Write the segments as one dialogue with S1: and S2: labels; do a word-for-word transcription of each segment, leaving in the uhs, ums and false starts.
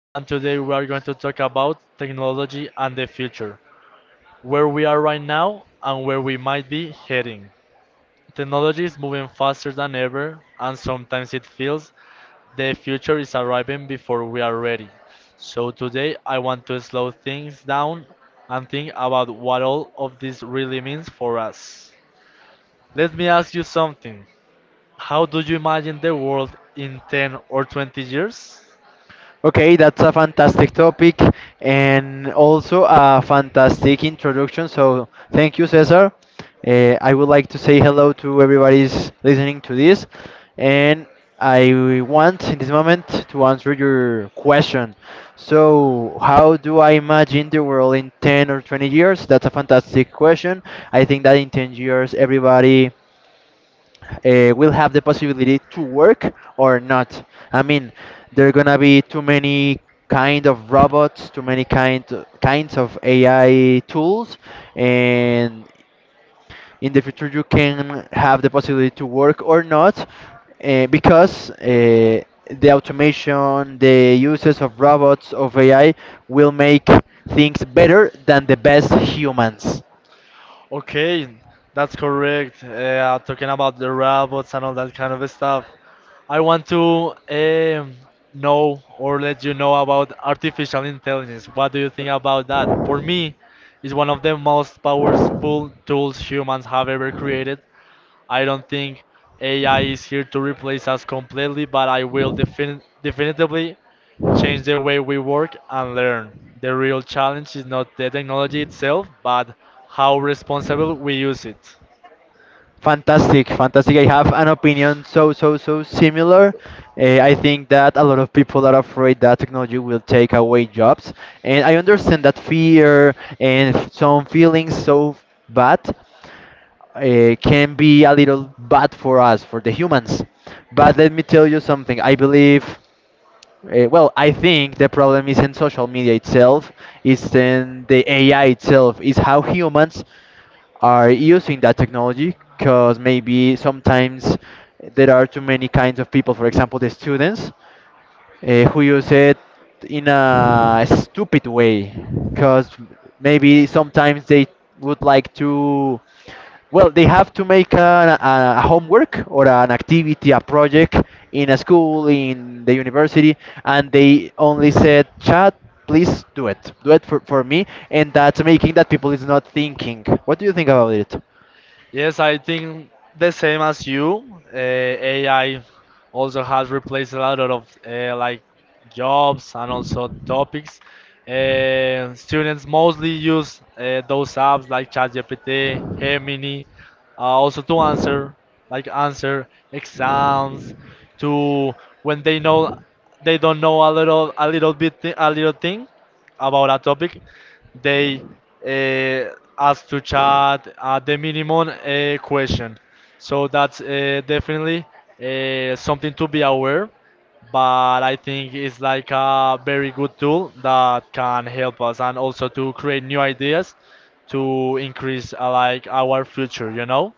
S1: and today we are going to talk about technology and the future, where we are right now and where we might be heading. Technology is moving faster than ever, and sometimes it feels the future is arriving before we are ready. So, today I want to slow things down and think about what all of this really means for us. Let me ask you something. How do you imagine the world in ten or twenty years?
S2: Okay, that's a fantastic topic and also a fantastic introduction. So, thank you, Cesar. Uh, I would like to say hello to everybody's listening to this, and I want in this moment to answer your question. So, how do I imagine the world in 10 or 20 years? That's a fantastic question. I think that in 10 years, everybody uh, will have the possibility to work or not. I mean, there are gonna be too many kind of robots, too many kind kinds of A I tools, and in the future you can have the possibility to work or not, uh, because uh, the automation, the uses of robots of A I will make things better than the best humans.
S1: Okay, that's correct. Uh, talking about the robots and all that kind of stuff. I want to um, know or let you know about artificial intelligence. What do you think about that? For me, it's one of the most powerful tools humans have ever created. I don't think A I is here to replace us completely, but I will defin- definitively change the way we work and learn. The real challenge is not the technology itself, but how responsible we use it.
S2: Fantastic, fantastic. I have an opinion so, so, so similar. Uh, I think that a lot of people are afraid that technology will take away jobs. And I understand that fear and f- some feelings so bad uh, can be a little bad for us, for the humans. But let me tell you something. I believe. Uh, well, I think the problem isn't social media itself, it's in the A I itself, is how humans are using that technology because maybe sometimes there are too many kinds of people, for example, the students uh, who use it in a stupid way because maybe sometimes they would like to, well they have to make a, a homework or an activity, a project in a school, in the university, and they only said, "Chat, please do it, do it for, for me," and that's making that people is not thinking. What do you think about it?
S1: Yes, I think the same as you. Uh, A I also has replaced a lot of uh, like jobs and also topics. Uh, students mostly use uh, those apps like ChatGPT, Gemini, uh, also to answer like answer exams, to when they know they don't know a little a little bit thi- a little thing about a topic, they uh, ask to chat uh, the minimum uh, question. So that's uh, definitely uh, something to be aware. But I think it's like a very good tool that can help us and also to create new ideas to increase uh, like our future. You know.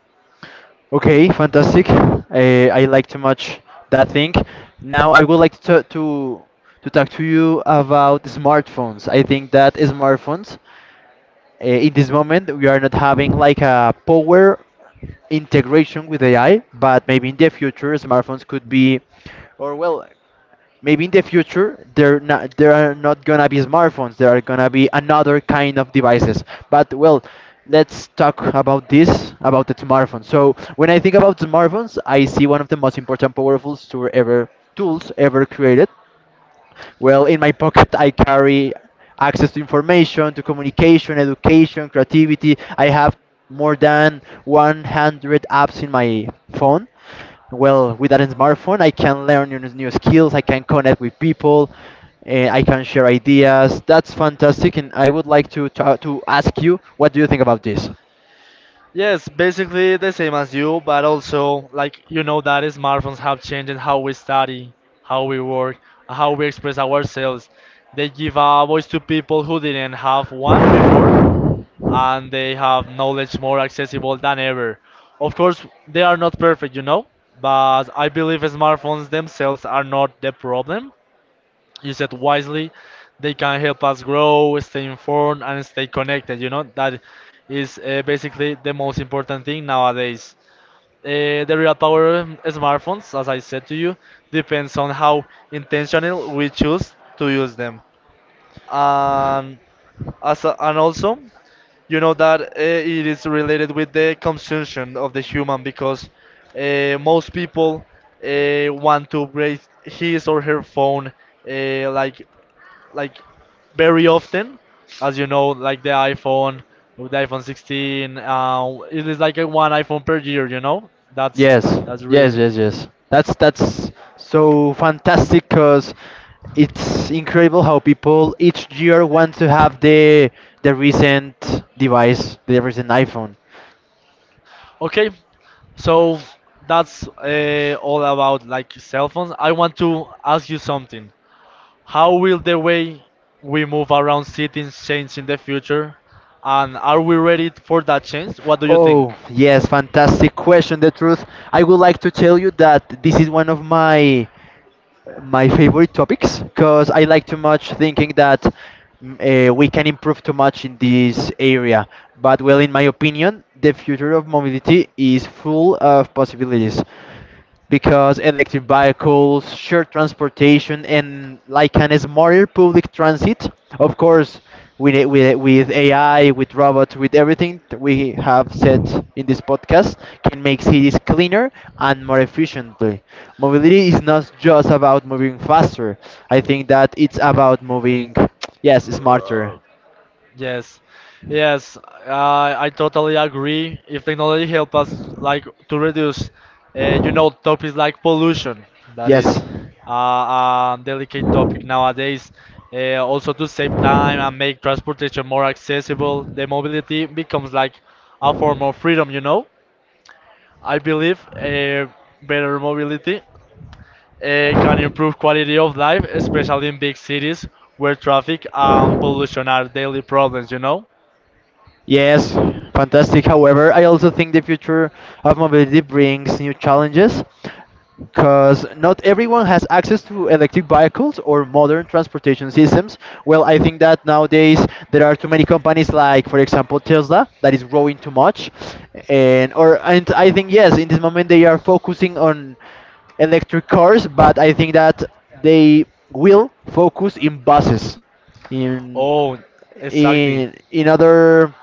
S2: Okay, fantastic. Uh, I like too much that thing. Now I would like to to to talk to you about smartphones. I think that smartphones, uh, in this moment, we are not having like a power integration with A I, but maybe in the future, smartphones could be, or well, maybe in the future there not there are not gonna be smartphones, there are gonna be another kind of devices, but well, let's talk about this, about the smartphone. So when I think about smartphones, I see one of the most important powerful tool ever tools ever created. Well, in my pocket, I carry access to information, to communication, education, creativity. I have more than one hundred apps in my phone. Well, with that smartphone, I can learn new, new skills, I can connect with people, eh, I can share ideas. That's fantastic, and I would like to, to, to ask you, what do you think about this?
S1: Yes, basically the same as you, but also like you know that smartphones have changed how we study, how we work, how we express ourselves. They give a voice to people who didn't have one before, and they have knowledge more accessible than ever. Of course, they are not perfect, you know, but I believe smartphones themselves are not the problem you said wisely, they can help us grow, stay informed, and stay connected. You know, that is uh, basically the most important thing nowadays. Uh, the real power of smartphones, as I said to you, depends on how intentional we choose to use them and as a, and also you know that uh, it is related with the consumption of the human because uh, most people uh, want to break his or her phone uh, like like very often as you know like the iphone with the iphone sixteen uh, it is like a one iphone per year you know that's
S2: Yes,
S1: that's
S2: yes,
S1: really
S2: yes, yes. That's that's so fantastic because it's incredible how people each year want to have
S1: the.
S2: the the recent device, the recent iPhone.
S1: Okay, so that's uh, all about like cell phones. I want to ask you something. How will the way we move around cities change in the future? And are we ready for that change? What do you think?
S2: Oh, yes, fantastic question. The truth, I would like to tell you that this is one of my my favorite topics because I like too much thinking that uh, we can improve too much in this area. But well, in my opinion, the future of mobility is full of possibilities because electric vehicles, shared transportation, and like an smarter public transit, of course, with, a- with, a- with A I, with robots, with everything that we have said in this podcast, can make cities cleaner and more efficiently. Mobility is not just about moving faster. I think that it's about moving, yes, smarter.
S1: Yes, yes, I I totally agree. If technology help us like to reduce, uh, you know, topics like pollution, that is uh, a delicate topic nowadays. Uh, also to save time and make transportation more accessible, the mobility becomes like a form of
S2: Yes.
S1: freedom. You know, I believe uh, better mobility uh, can improve quality of life, especially in big cities where traffic and pollution are daily problems. You know.
S2: Yes, fantastic. However, I also think the future of mobility brings new challenges because not everyone has access to electric vehicles or modern transportation systems. Well, I think that nowadays there are too many companies like, for example, Tesla, that is growing too much. And or and I think yes, in this moment they are focusing on electric cars, but I think that they will focus in buses, in
S1: Oh, exactly.
S2: in in other,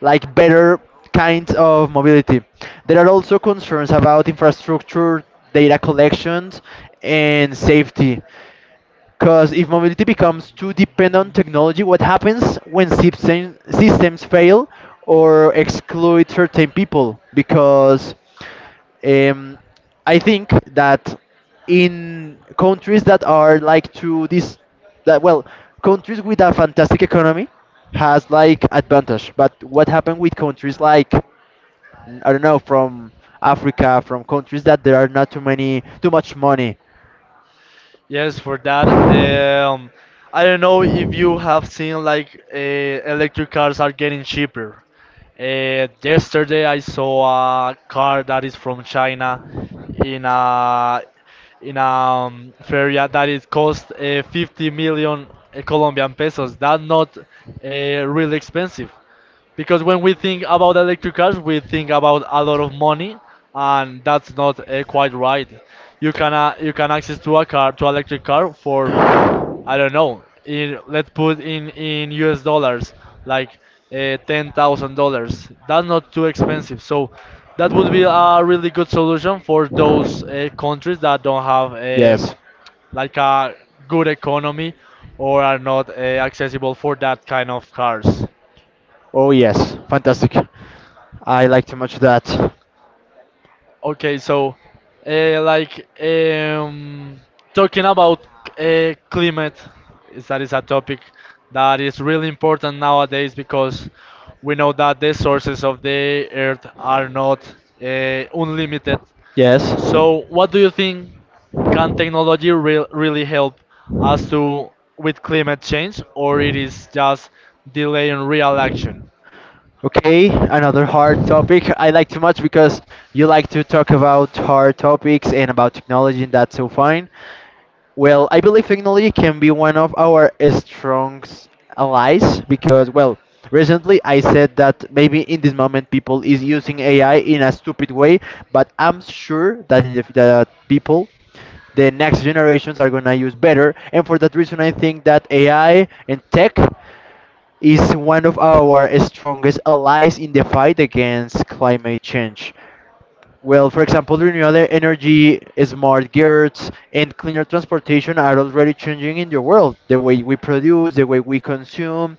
S2: like, better kinds of mobility. There are also concerns about infrastructure, data collections, and safety. Because if mobility becomes too dependent on technology, what happens when system, systems fail or exclude certain people? Because um, I think that in countries that are like to this, that well, countries with a fantastic economy has like advantage. But what happened with countries like n- I don't know, from Africa, from countries that there are not too many, too much money?
S1: Yes, for that. Um, I don't know if you have seen like uh, electric cars are getting cheaper. Uh, yesterday I saw a car that is from China in a in a um, ferry that it cost uh, fifty million Colombian pesos. That's not uh, really expensive. Because when we think about electric cars, we think about a lot of money, and that's not uh, quite right. You can uh, you can access to a car to electric car for I don't know. In, let's put in in U S dollars like uh, ten thousand dollars. That's not too expensive. So that would be a really good solution for those uh, countries that don't have um, like a good economy or are not uh, accessible for that kind of cars.
S2: Oh, yes. Fantastic. I like too much that.
S1: Okay, so uh, like um, talking about uh, climate, is that is a topic that is really important nowadays because we know that the sources of the earth are not uh, unlimited.
S2: Yes.
S1: So, what do you think can technology re- really help us to with climate change, or it is just delaying real action?
S2: Okay, another hard topic. I like too much because you like to talk about hard topics and about technology, and that's so fine. Well, I believe technology can be one of our strong s- allies because, well, recently I said that maybe in this moment people is using A I in a stupid way, but I'm sure that in the, f- that people, the next generations are gonna use better, and for that reason, I think that A I and tech is one of our strongest allies in the fight against climate change. Well, for example, renewable energy, smart grids, and cleaner transportation are already changing in the world. The way we produce, the way we consume,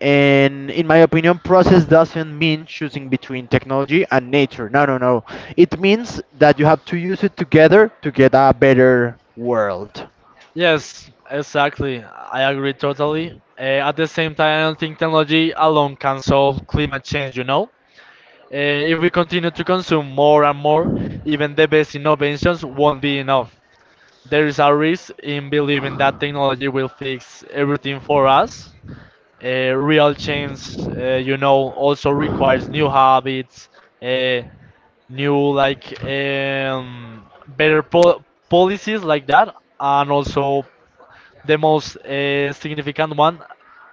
S2: and in my opinion, process doesn't mean choosing between technology and nature. No, no, no. It means that you have to use it together to get a better world.
S1: Yes, exactly. I agree totally. Uh, at the same time, I don't think technology alone can solve climate change, you know? Uh, if we continue to consume more and more, even the best innovations won't be enough. There is a risk in believing that technology will fix everything for us uh, real change uh, you know also requires new habits uh, new like um, better po- policies like that and also the most uh, significant one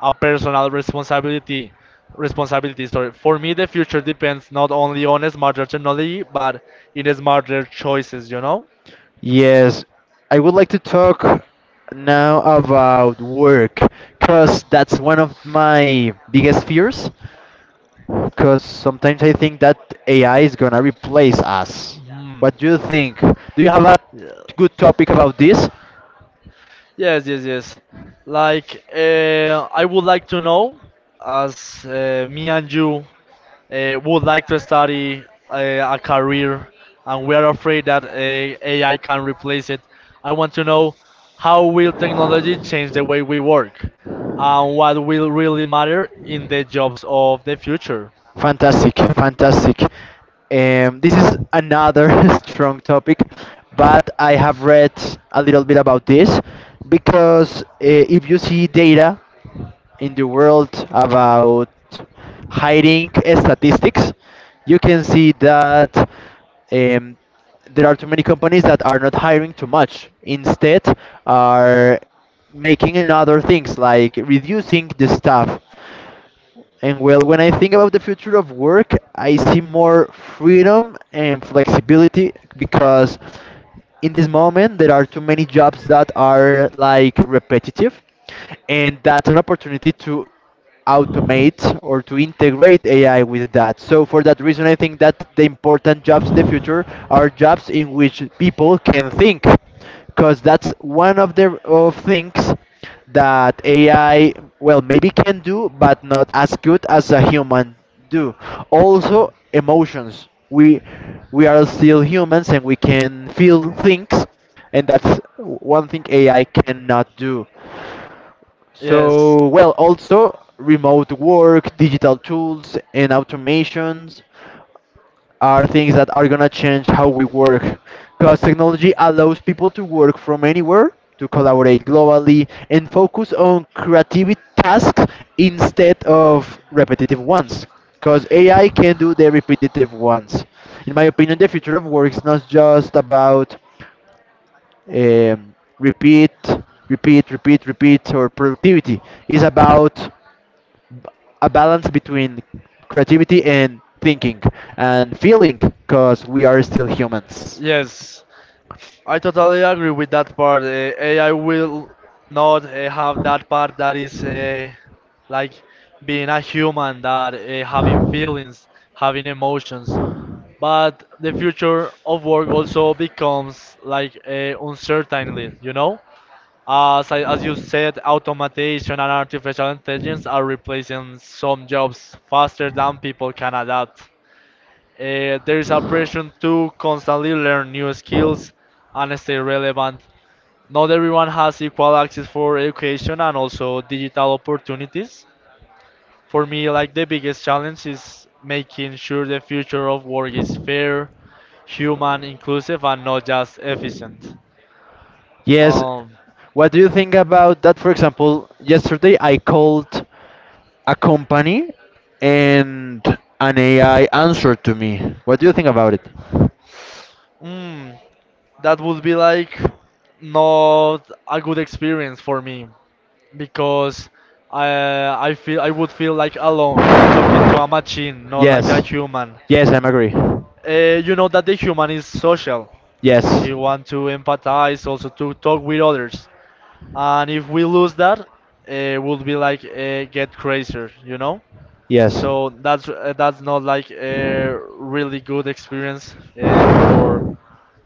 S1: a personal responsibility responsibility sorry for me the future depends not only on smarter technology but in smarter choices you know.
S2: Yes, I would like to talk now about work because that's one of my biggest fears. Because sometimes I think that A I is gonna replace us. What do you think? Do you have a good topic about this?
S1: Yes, yes, yes. Like, uh, I would like to know, as uh, me and you uh, would like to study uh, a career and we are afraid that uh, A I can replace it, I want to know how will technology change the way we work and what will really matter in the jobs of the future.
S2: Fantastic, fantastic. Um, this is another strong topic, but I have read a little bit about this because uh, if you see data in the world about hiding statistics, you can see that um, there are too many companies that are not hiring too much. Instead, are making another things like reducing the staff. And well, when I think about the future of work, I see more freedom and flexibility because in this moment there are too many jobs that are like repetitive, and that's an opportunity to automate or to integrate A I with that. So for that reason, I think that the important jobs in the future are jobs in which people can think because that's one of the of things that A I well maybe can do but not as good as a human do. Also emotions. We we are still humans and we can feel things and that's one thing A I cannot do. So well, also remote work, digital tools and automations are things that are going to change how we work because technology allows people to work from anywhere, to collaborate globally and focus on creative tasks instead of repetitive ones, because A I can do the repetitive ones. In my opinion, the future of work is not just about um, repeat, repeat, repeat, repeat, or productivity. It's about b- a balance between creativity and thinking and feeling because we are still
S1: And
S2: humans.
S1: Yes. I totally agree with that part. Uh, A I will not uh, have that part that is uh, like being a human, that uh, having feelings, having emotions. But the future of work also becomes like uh, uncertainly, you know? As, I, as you said, automation and artificial intelligence are replacing some jobs faster than people can adapt. Uh, there is a pressure to constantly learn new skills and stay relevant. Not everyone has equal access for education and also digital opportunities. For me, like the biggest challenge is making sure the future of work is fair, human, inclusive, and not just efficient.
S2: Yes.
S1: Um,
S2: What do you think about that? For example, yesterday I called a company and an A I answered to me. What do you think about it?
S1: mm, that would be like not a good experience for me
S2: Because
S1: because I
S2: I, I
S1: I
S2: feel
S1: feel I would feel like
S2: I would feel like
S1: alone talking
S2: alone
S1: to a
S2: if I achieve
S1: machine, not
S2: Yes.
S1: like a
S2: everything.
S1: human.
S2: Yes, I'm agree.
S1: Uh, you know that the human is social.
S2: Yes.
S1: He
S2: And
S1: want
S2: if
S1: to empathize, also to talk with others. And if we lose that, it would be like uh, get crazier, you know.
S2: Yes.
S1: So that's uh, that's not like a really good experience uh, for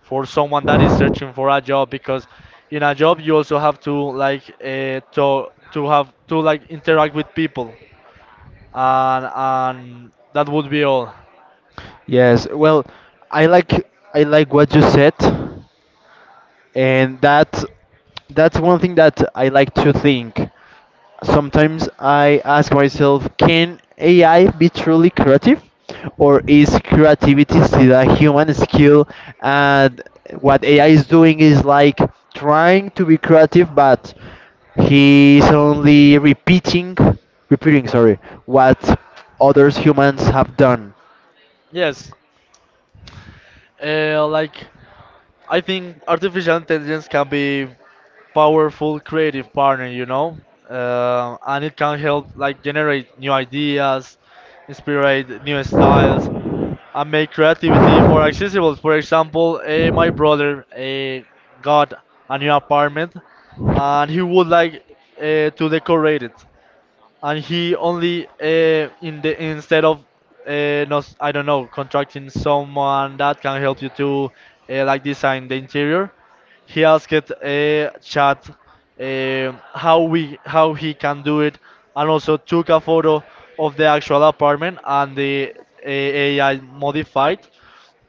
S1: for someone that is searching for a job because in a job you also have to like uh, to to have to like interact with people and and that would be all
S2: Yes. Well, I like I like what you said. And that's that's one thing that I like to think. Sometimes I ask myself, can A I be truly creative, or is creativity still a human skill? And what A I is doing is like trying to be creative, but he's only repeating, repeating, sorry, what others humans have done.
S1: yes uh, like I think artificial intelligence can be powerful creative partner, you know, uh, and it can help like generate new ideas, inspire new styles, and make creativity more accessible. For example, eh, my brother eh, got a new apartment, and he would like uh, to decorate it and he only uh, in the instead of uh, not I don't know contracting someone that can help you to uh, like design the interior. He asked uh, Chat uh, how we how he can do it, and also took a photo of the actual apartment and the uh, A I modified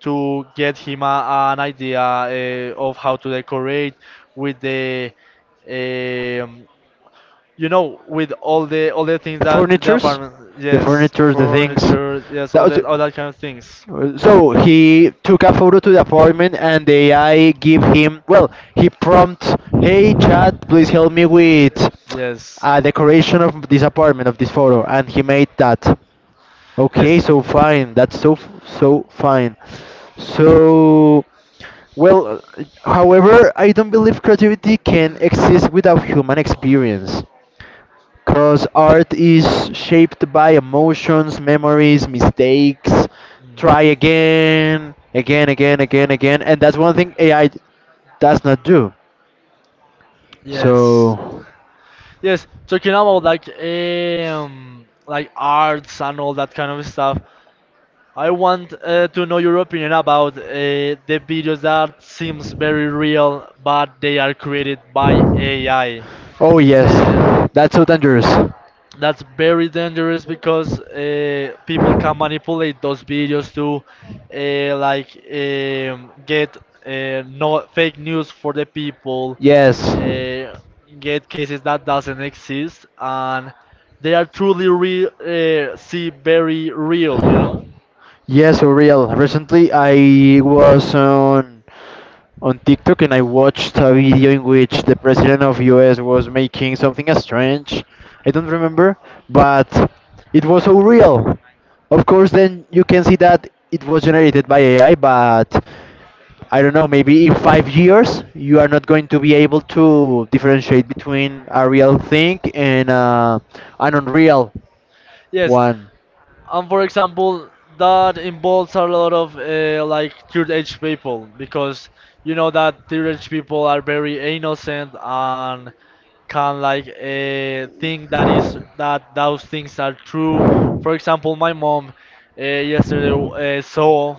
S1: to get him a, an idea uh, of how to decorate with the um, you know with all the all the things that the
S2: Furnitures,
S1: apartment
S2: the
S1: yes
S2: furnitures, the things.
S1: furniture yes
S2: That
S1: all
S2: was,
S1: that all that kind of things
S2: uh, so he took a photo to the apartment, and the A I give him. Well, he prompts, "Hey chat, please help me with
S1: yes
S2: a decoration of this apartment, of this photo," and he made that. Okay,
S1: yes.
S2: so fine. That's so f- so fine. So, well, uh, however, I don't believe creativity can exist without human experience. Because art is shaped by emotions, memories, mistakes,
S1: Mm.
S2: try again, again, again, again, again. And that's one thing A I does not do.
S1: Yes,
S2: So,
S1: yes, talking about like um like arts and all that kind of stuff. I want uh, to know your opinion about uh, the videos that seems very real, but they are created by A I.
S2: oh yes,
S1: Uh,
S2: that's so dangerous.
S1: that's very dangerous because uh, people can manipulate those videos to uh, like um, get uh, no fake news for the people,
S2: Yes.
S1: uh, get cases that doesn't exist, and they are truly re- uh, see very real, you know.
S2: Yes, for real. Recently, I was on on TikTok and I watched a video in which the president of U S was making something strange. I don't remember, but it was so real. Of course, then you can see that it was generated by A I, but I don't know, maybe in five years you are not going to be able to differentiate between a real thing and uh, an unreal
S1: Yes,
S2: one.
S1: and for example that involves a lot of uh, like third age people because you know that third age people are very innocent and can like uh, think that is that those things are true for example my mom uh, yesterday uh, saw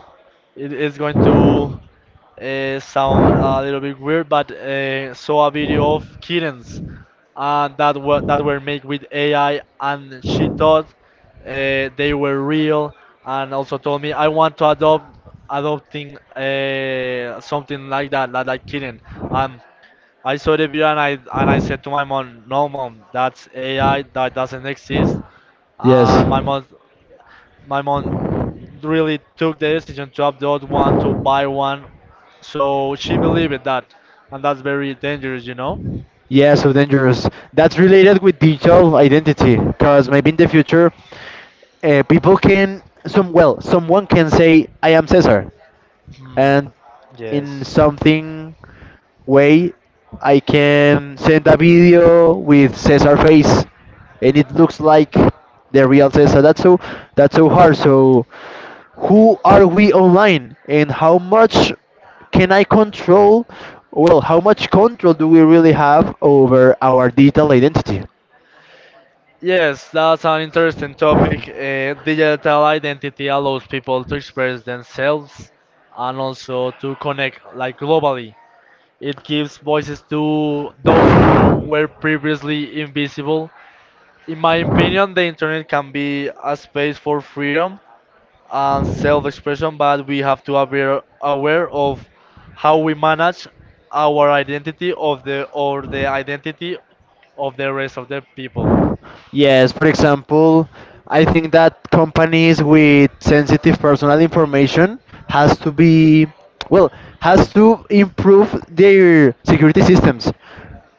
S1: it is going to uh, sound a little bit weird, but uh, saw a video of kittens uh, that were that were made with A I, and she thought uh, they were real, and also told me I want to adopt adopting uh, something like that, like like kitten. And I saw the video and I and I said to my mom, no mom, that's A I that doesn't exist.
S2: Yes.
S1: And my mom my mom really took the decision to adopt one, to buy one, so she believed in that. And that's very dangerous, you know
S2: Yeah, so dangerous. That's related with digital identity, because maybe in the future, uh, people can some, well, someone can say, "I am Cesar,"
S1: Hmm,
S2: and in
S1: yes
S2: something way I can send a video with Cesar face and it looks like the real Cesar. That's so, that's so hard. So who are we online and how much can I control, well, how much control do we really have over our digital identity?
S1: yes, that's an interesting topic. Uh, digital identity allows people to express themselves and also to connect, like, globally. It gives voices to those who were previously invisible. In my opinion, the internet can be a space for freedom and self-expression, but we have to be aware of how we manage our identity, of the, or the identity of the rest of the people.
S2: Yes, for example, I think that companies with sensitive personal information has to be, well, has to improve their security systems.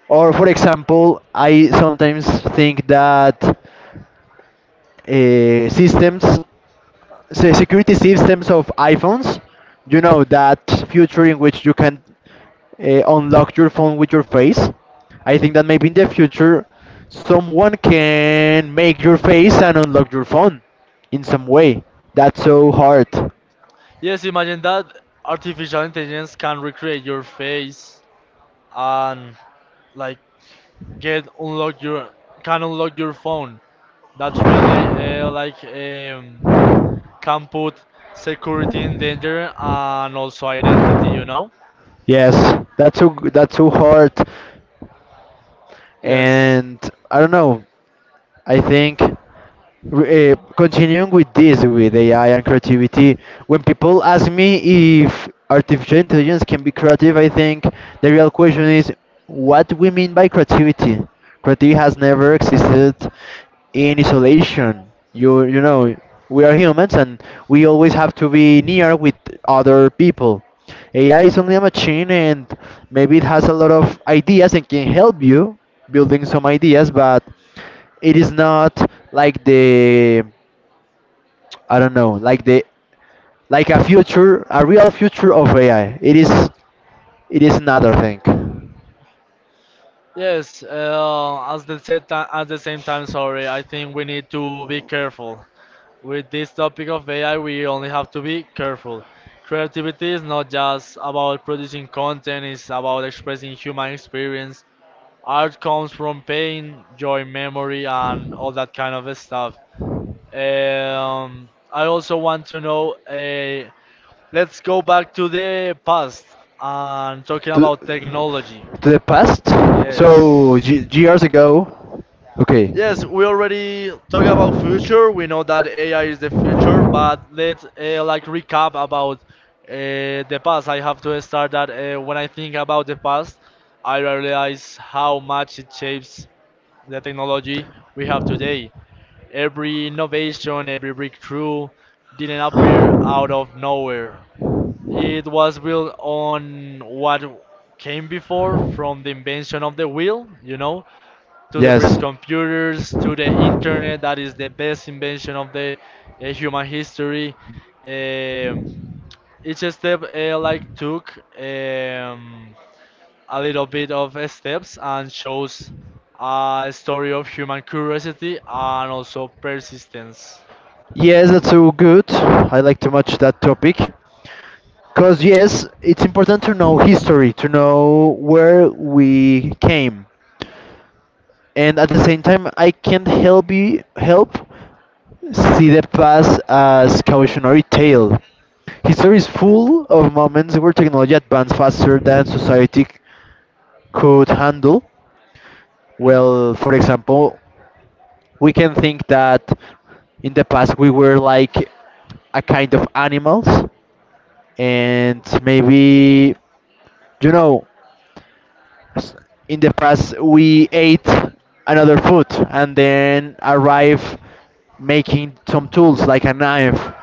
S2: Or for example, I sometimes think that uh, systems the security systems of iPhones, you know that future in which you can uh, unlock your phone with your face. I think that maybe in the future, someone can make your face and unlock your phone in some way. That's so hard.
S1: Yes, imagine that artificial intelligence can recreate your face and, like, get unlock your, can unlock your phone. That's really uh, like, um, can put security in danger and also identity. You know.
S2: Yes, that's so that's so hard,
S1: Yes.
S2: and I don't know. I think uh, continuing with this, with A I and creativity, when people ask me if artificial intelligence can be creative, I think the real question is what we mean by creativity. Creativity has never existed in isolation. You you know we are humans and we always have to be near with other people. A I is only a machine and maybe it has a lot of ideas and can help you building some ideas, but it is not like the I don't know, like the like a future, a real future of A I. It is it is another thing.
S1: Yes, uh, as the said ti- at the same time, sorry, I think we need to be careful. With this topic of A I, we only have to be careful. Creativity is not just about producing content, it's about expressing human experience. Art comes from pain, joy, memory, and all that kind of stuff. Um, I also want to know. Uh, let's go back to the past and talking about technology.
S2: To the past? So,
S1: Yes.
S2: g years ago? Okay.
S1: Yes, we already talk about future. We know that A I is the future, but let's uh, like recap about uh, the past. I have to start that uh, when I think about the past, I realize how much it shapes the technology we have today. Every innovation, every breakthrough didn't appear out of nowhere. It was built on what came before, from the invention of the wheel, you know, to the first
S2: Yes.
S1: computers, to the internet that is the best invention of the uh, human history. Um, each step uh, like took um, a little bit of uh, steps, and shows a story of human curiosity and also persistence.
S2: Yes, that's so good. I like to much that topic. Because, yes, it's important to know history, to know where we came. And at the same time, I can't help you help see the past as cautionary tale. History is full of moments where technology advanced faster than society c- could handle. Well, for example, we can think that in the past we were like a kind of animals, and maybe, you know, times in the past we ate another food and then arrive making some tools like a knife,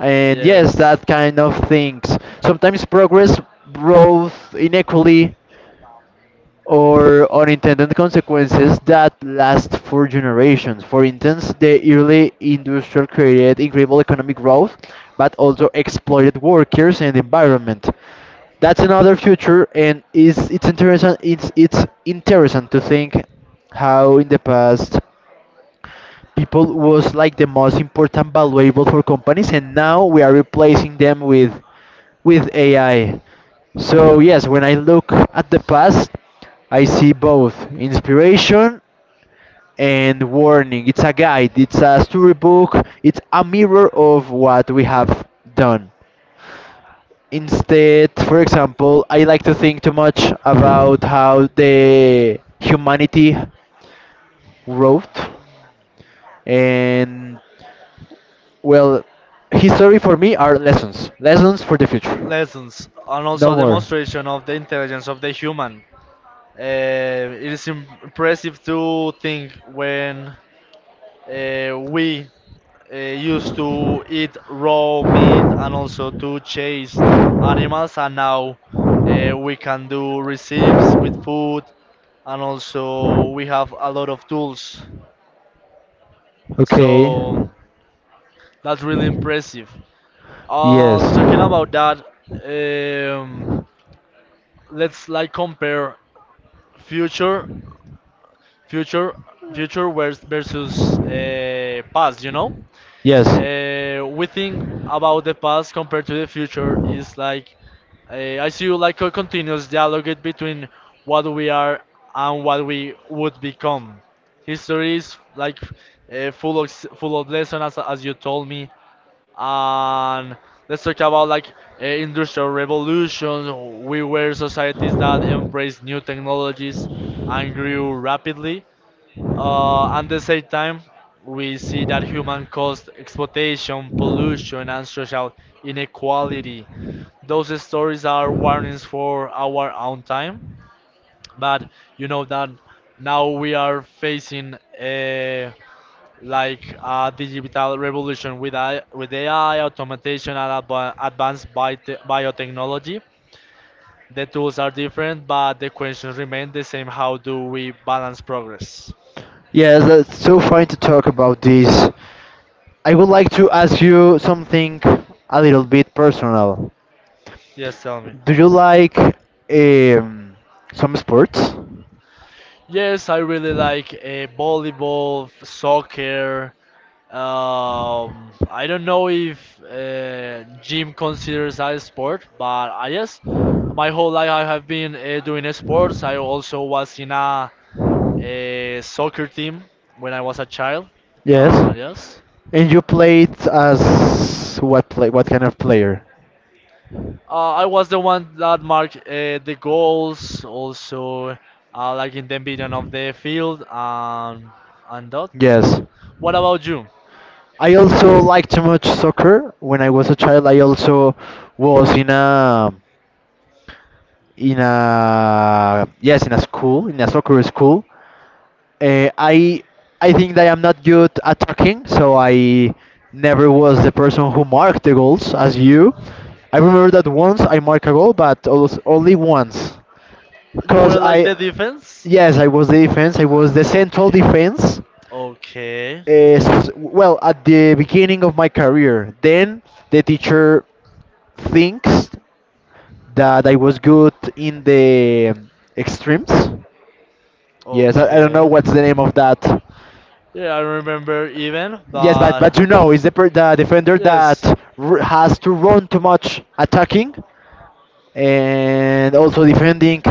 S2: and yes,
S1: Yes.
S2: that kind of things. Sometimes progress brought inequality or unintended consequences that last for generations. For instance, the early industrial created incredible economic growth, but also exploited workers and environment. That's another future, and is it's interesting. It's it's interesting to think how in the past people was like the most important valuable for companies and now we are replacing them with with A I. So yes, when I look at the past, I see both inspiration and warning. It's a guide, it's a storybook, it's a mirror of what we have done. Instead, for example, I like to think too much about how the humanity wrote and well, history for me are lessons. Lessons for the future.
S1: Lessons, and also
S2: No
S1: a
S2: more.
S1: demonstration of the intelligence of the human. Uh, it is im- impressive to think when uh, we uh, used to eat raw meat and also to chase animals, and now uh, we can do recipes with food, and also we have a lot of tools.
S2: Okay.
S1: So that's really impressive. Uh,
S2: Yes.
S1: talking about that, um, let's like compare future future future vers- versus uh, past, you know.
S2: Yes.
S1: Uh, we think about the past compared to the future is like, uh, I see you, like, a continuous dialogue between what we are and what we would become. History is like, uh, full of s- full of lessons, as, as you told me. And let's talk about, like, uh, industrial revolution. We were societies that embraced new technologies and grew rapidly. Uh, at the same time, we see that human caused exploitation, pollution, and social inequality. Those stories are warnings for our own time, but you know that now we are facing uh, like a digital revolution with A I, with A I automation and adva- advanced biote- biotechnology. The tools are different, but the questions remain the same. How do we balance progress?
S2: Yes, that's so fine to talk about this. I would like to ask you something a little bit personal.
S1: Yes, tell me.
S2: Do you like um, some sports?
S1: Yes, I really like uh, volleyball, f- soccer. Um, I don't know if uh, gym considers that a sport, but I guess my whole life I have been uh, doing sports. I also was in a, a soccer team when I was a child. Uh,
S2: Yes.
S1: yes,
S2: And you played as what play? What kind of player?
S1: uh, I was the one that marked uh, the goals, also uh, like in the middle of the field, and and that.
S2: Yes.
S1: What about you?
S2: I also liked too much soccer. When I was a child, I also was in a in a yes, in a school, in a soccer school. Uh, I I think that I'm not good at talking, so I never was the person who marked the goals as you. I remember that once I marked a goal, but als- only once,
S1: You
S2: because
S1: were
S2: I
S1: like the defense?
S2: yes, I was the
S1: Ah,
S2: defense, I was the central
S1: okay.
S2: defense.
S1: Okay.
S2: Uh, s- well, at the beginning of my career, then the teacher thinks that I was good in the extremes. Yes, I, I don't know
S1: Okay.
S2: what's the name of that.
S1: Yeah, I remember even,
S2: Yes, but
S1: but
S2: but you know, is the per the defender that
S1: yes,
S2: r has to run too much attacking and also defending.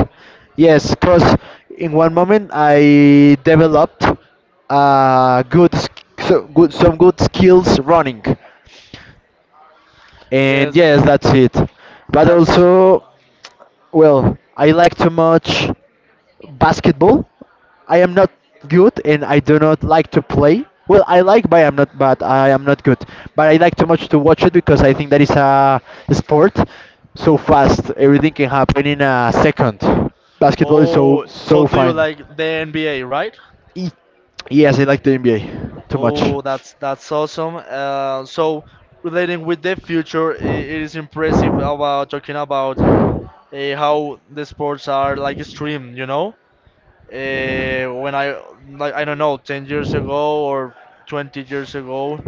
S2: Yes, because in one moment I developed uh good sk- so good, some good skills running, and
S1: yes,
S2: yes, that's it. But
S1: that's.
S2: also. Well, I like to much basketball. I am not good and I do not like to play. Well, I like, but I am not. But I am not good. But I like too much to watch it because I think that is a sport so fast. Everything can happen in a second. Basketball is so
S1: Oh, so
S2: so
S1: do you
S2: fine.
S1: like the N B A, right?
S2: E- Yes, I like the N B A too much.
S1: Oh, that's that's awesome. Uh, so relating with the future, I it is impressive about talking about uh, how the sports are like streamed, you know? Uh, when I, like, I don't know, ten years ago or twenty years ago,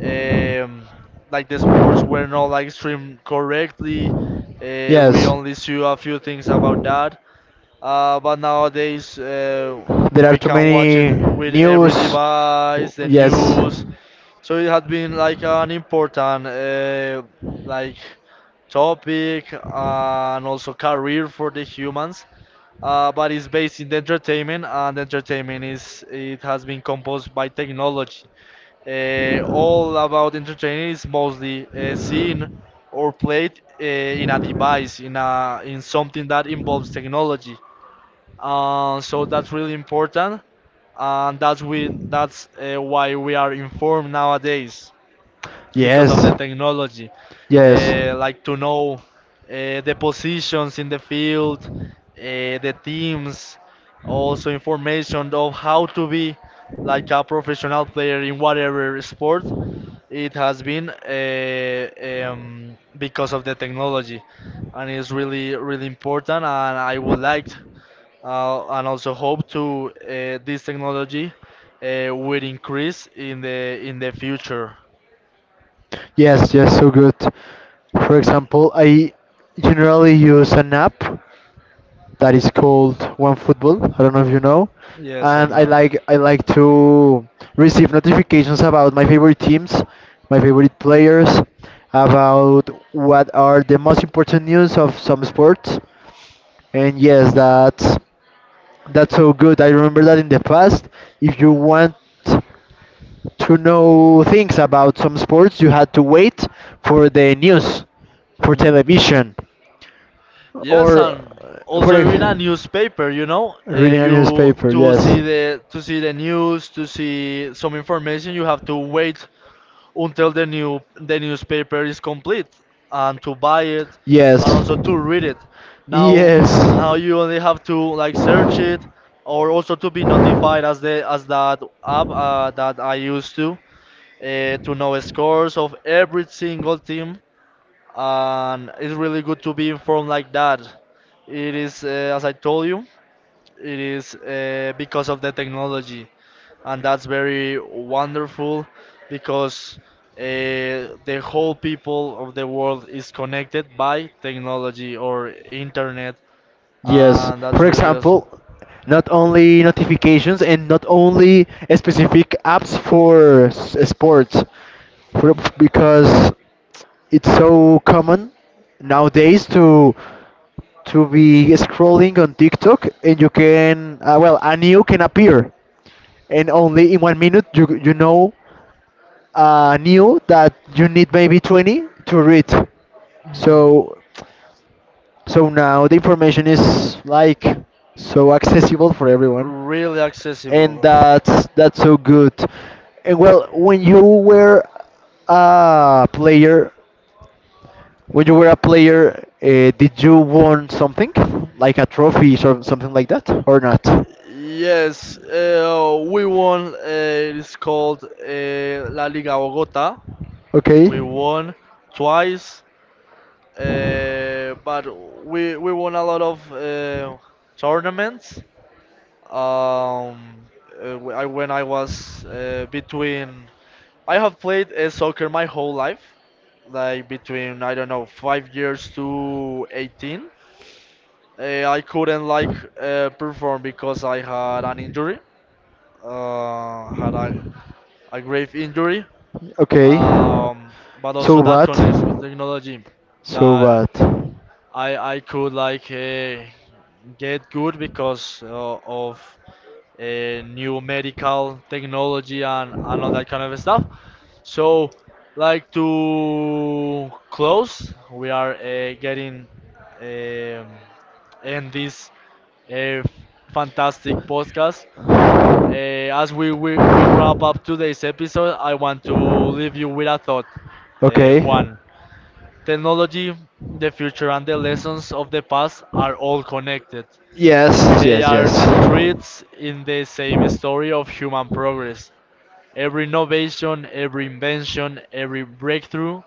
S1: um, like the sports were not like streamed correctly. Uh, we
S2: Yes,
S1: only saw a few things about that. Uh, but nowadays, uh,
S2: there are
S1: we
S2: too
S1: can watch it
S2: many
S1: with every
S2: news.
S1: device, the
S2: Yes,
S1: news. So it had been like an important uh, like topic and also career for the humans. Uh, but it's based in the entertainment, and entertainment is, it has been composed by technology. Uh, all about entertaining is mostly uh, seen or played uh, in a device, in a, in something that involves technology. Uh, so that's really important, and that's we that's uh, why we are informed nowadays because
S2: yes,
S1: of the technology. Uh, like to know uh, the positions in the field, uh, the teams, also information of how to be like a
S2: yes,
S1: professional player in whatever sport. It has been uh, um, because of the technology, and it's really really important, and I would like uh, and also hope to uh, this technology uh, will increase in the in the future.
S2: yes, yes, so good. For example, I generally use an app that is called OneFootball. I don't know if you know,
S1: Yes, I
S2: and I
S1: know. It.
S2: like I like to receive notifications about my favorite teams, my favorite players, about what are the most important news of some sports. And yes, that's that's so good. I remember that in the past, if you want to know things about some sports, you had to wait for the news, for
S1: Hmm.
S2: television,
S1: Yes,
S2: or
S1: and
S2: uh, for
S1: also in a
S2: a,
S1: newspaper, you know, uh,
S2: reading a
S1: you
S2: newspaper.
S1: to
S2: Yes,
S1: see the to see the news, to see some information, you have to wait until the new the newspaper is complete and to buy it and
S2: yes,
S1: also to read it. Now,
S2: yes.
S1: now you only have to like search it or also to be notified as the as that
S2: I
S1: app
S2: used
S1: uh,
S2: to
S1: that I used to uh, to
S2: know
S1: know
S2: scores
S1: scores
S2: of
S1: of
S2: every
S1: every
S2: single
S1: single
S2: thing. It's
S1: team. And it's really
S2: really
S1: good
S2: good to
S1: to
S2: be
S1: be
S2: born
S1: informed
S2: like
S1: like
S2: that.
S1: that. It is uh,
S2: As
S1: as
S2: I
S1: I
S2: told
S1: told
S2: you,
S1: you, it is uh,
S2: because
S1: because
S2: of
S1: of
S2: the
S1: the
S2: technology,
S1: technology, and
S2: that's
S1: that's
S2: very
S1: very
S2: important.
S1: wonderful because uh, the whole
S2: Because the whole
S1: people
S2: are
S1: of the world is
S2: able
S1: connected
S2: to buy
S1: by
S2: and
S1: technology or
S2: consume.
S1: internet,
S2: Yes,
S1: and that's
S2: for
S1: really awesome.
S2: example, not only notifications and not only specific apps for s- sports, for, because it's so common nowadays to to be scrolling on TikTok and you can uh, well, a new can appear and only in one minute you you know a new that you need maybe twenty to read.
S1: Mhm.
S2: So so now the information is like so accessible for everyone.
S1: Really
S2: And
S1: accessible.
S2: that's that's so good. And well, when you were a player, when you were a player, uh, did you won something like a trophy or something like that, or not?
S1: Yes, uh, we won. Uh, it's called uh, La Liga Bogota.
S2: Okay,
S1: We won twice, uh, but we we won a lot of uh, tournaments. Um, uh, wh- I, when I was uh, between, I have played uh, soccer my whole life, like between, I don't know, five years to eighteen. Uh, I couldn't like uh, perform because I had an injury, uh, had a, a grave injury.
S2: okay.
S1: Um, but
S2: So
S1: also that
S2: bad,
S1: connects with technology,
S2: so
S1: that
S2: bad.
S1: I I could like uh, get good because uh, of uh, new medical technology and and all that kind of stuff. So, like to close, we are uh, getting um, end this uh, fantastic podcast. Uh, as we, we we wrap up today's episode, I want to leave you with a thought, uh,
S2: Okay.
S1: Juan. Technology, the future, and the lessons of the past are all connected.
S2: Yes,
S1: They
S2: yes,
S1: are threads in the same
S2: yes.
S1: story of human progress. Every innovation, every invention, every breakthrough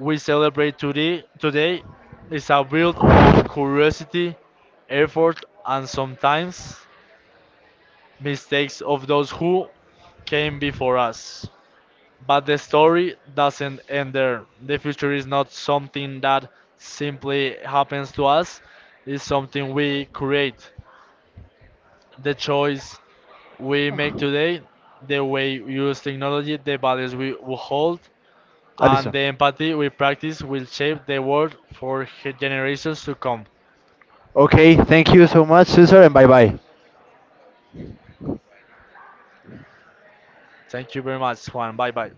S1: we celebrate today, today is a build of curiosity, effort, and sometimes mistakes of those who came before us. But the story doesn't end there. The future is not something that simply happens to us, it's something we create. The choice we make today, the way we use technology, the values we we hold, and
S2: Alison.
S1: the empathy we practice will shape the world for generations to come.
S2: Okay, thank you so much, Cesar, and bye bye.
S1: Thank you very much, Juan. Bye bye.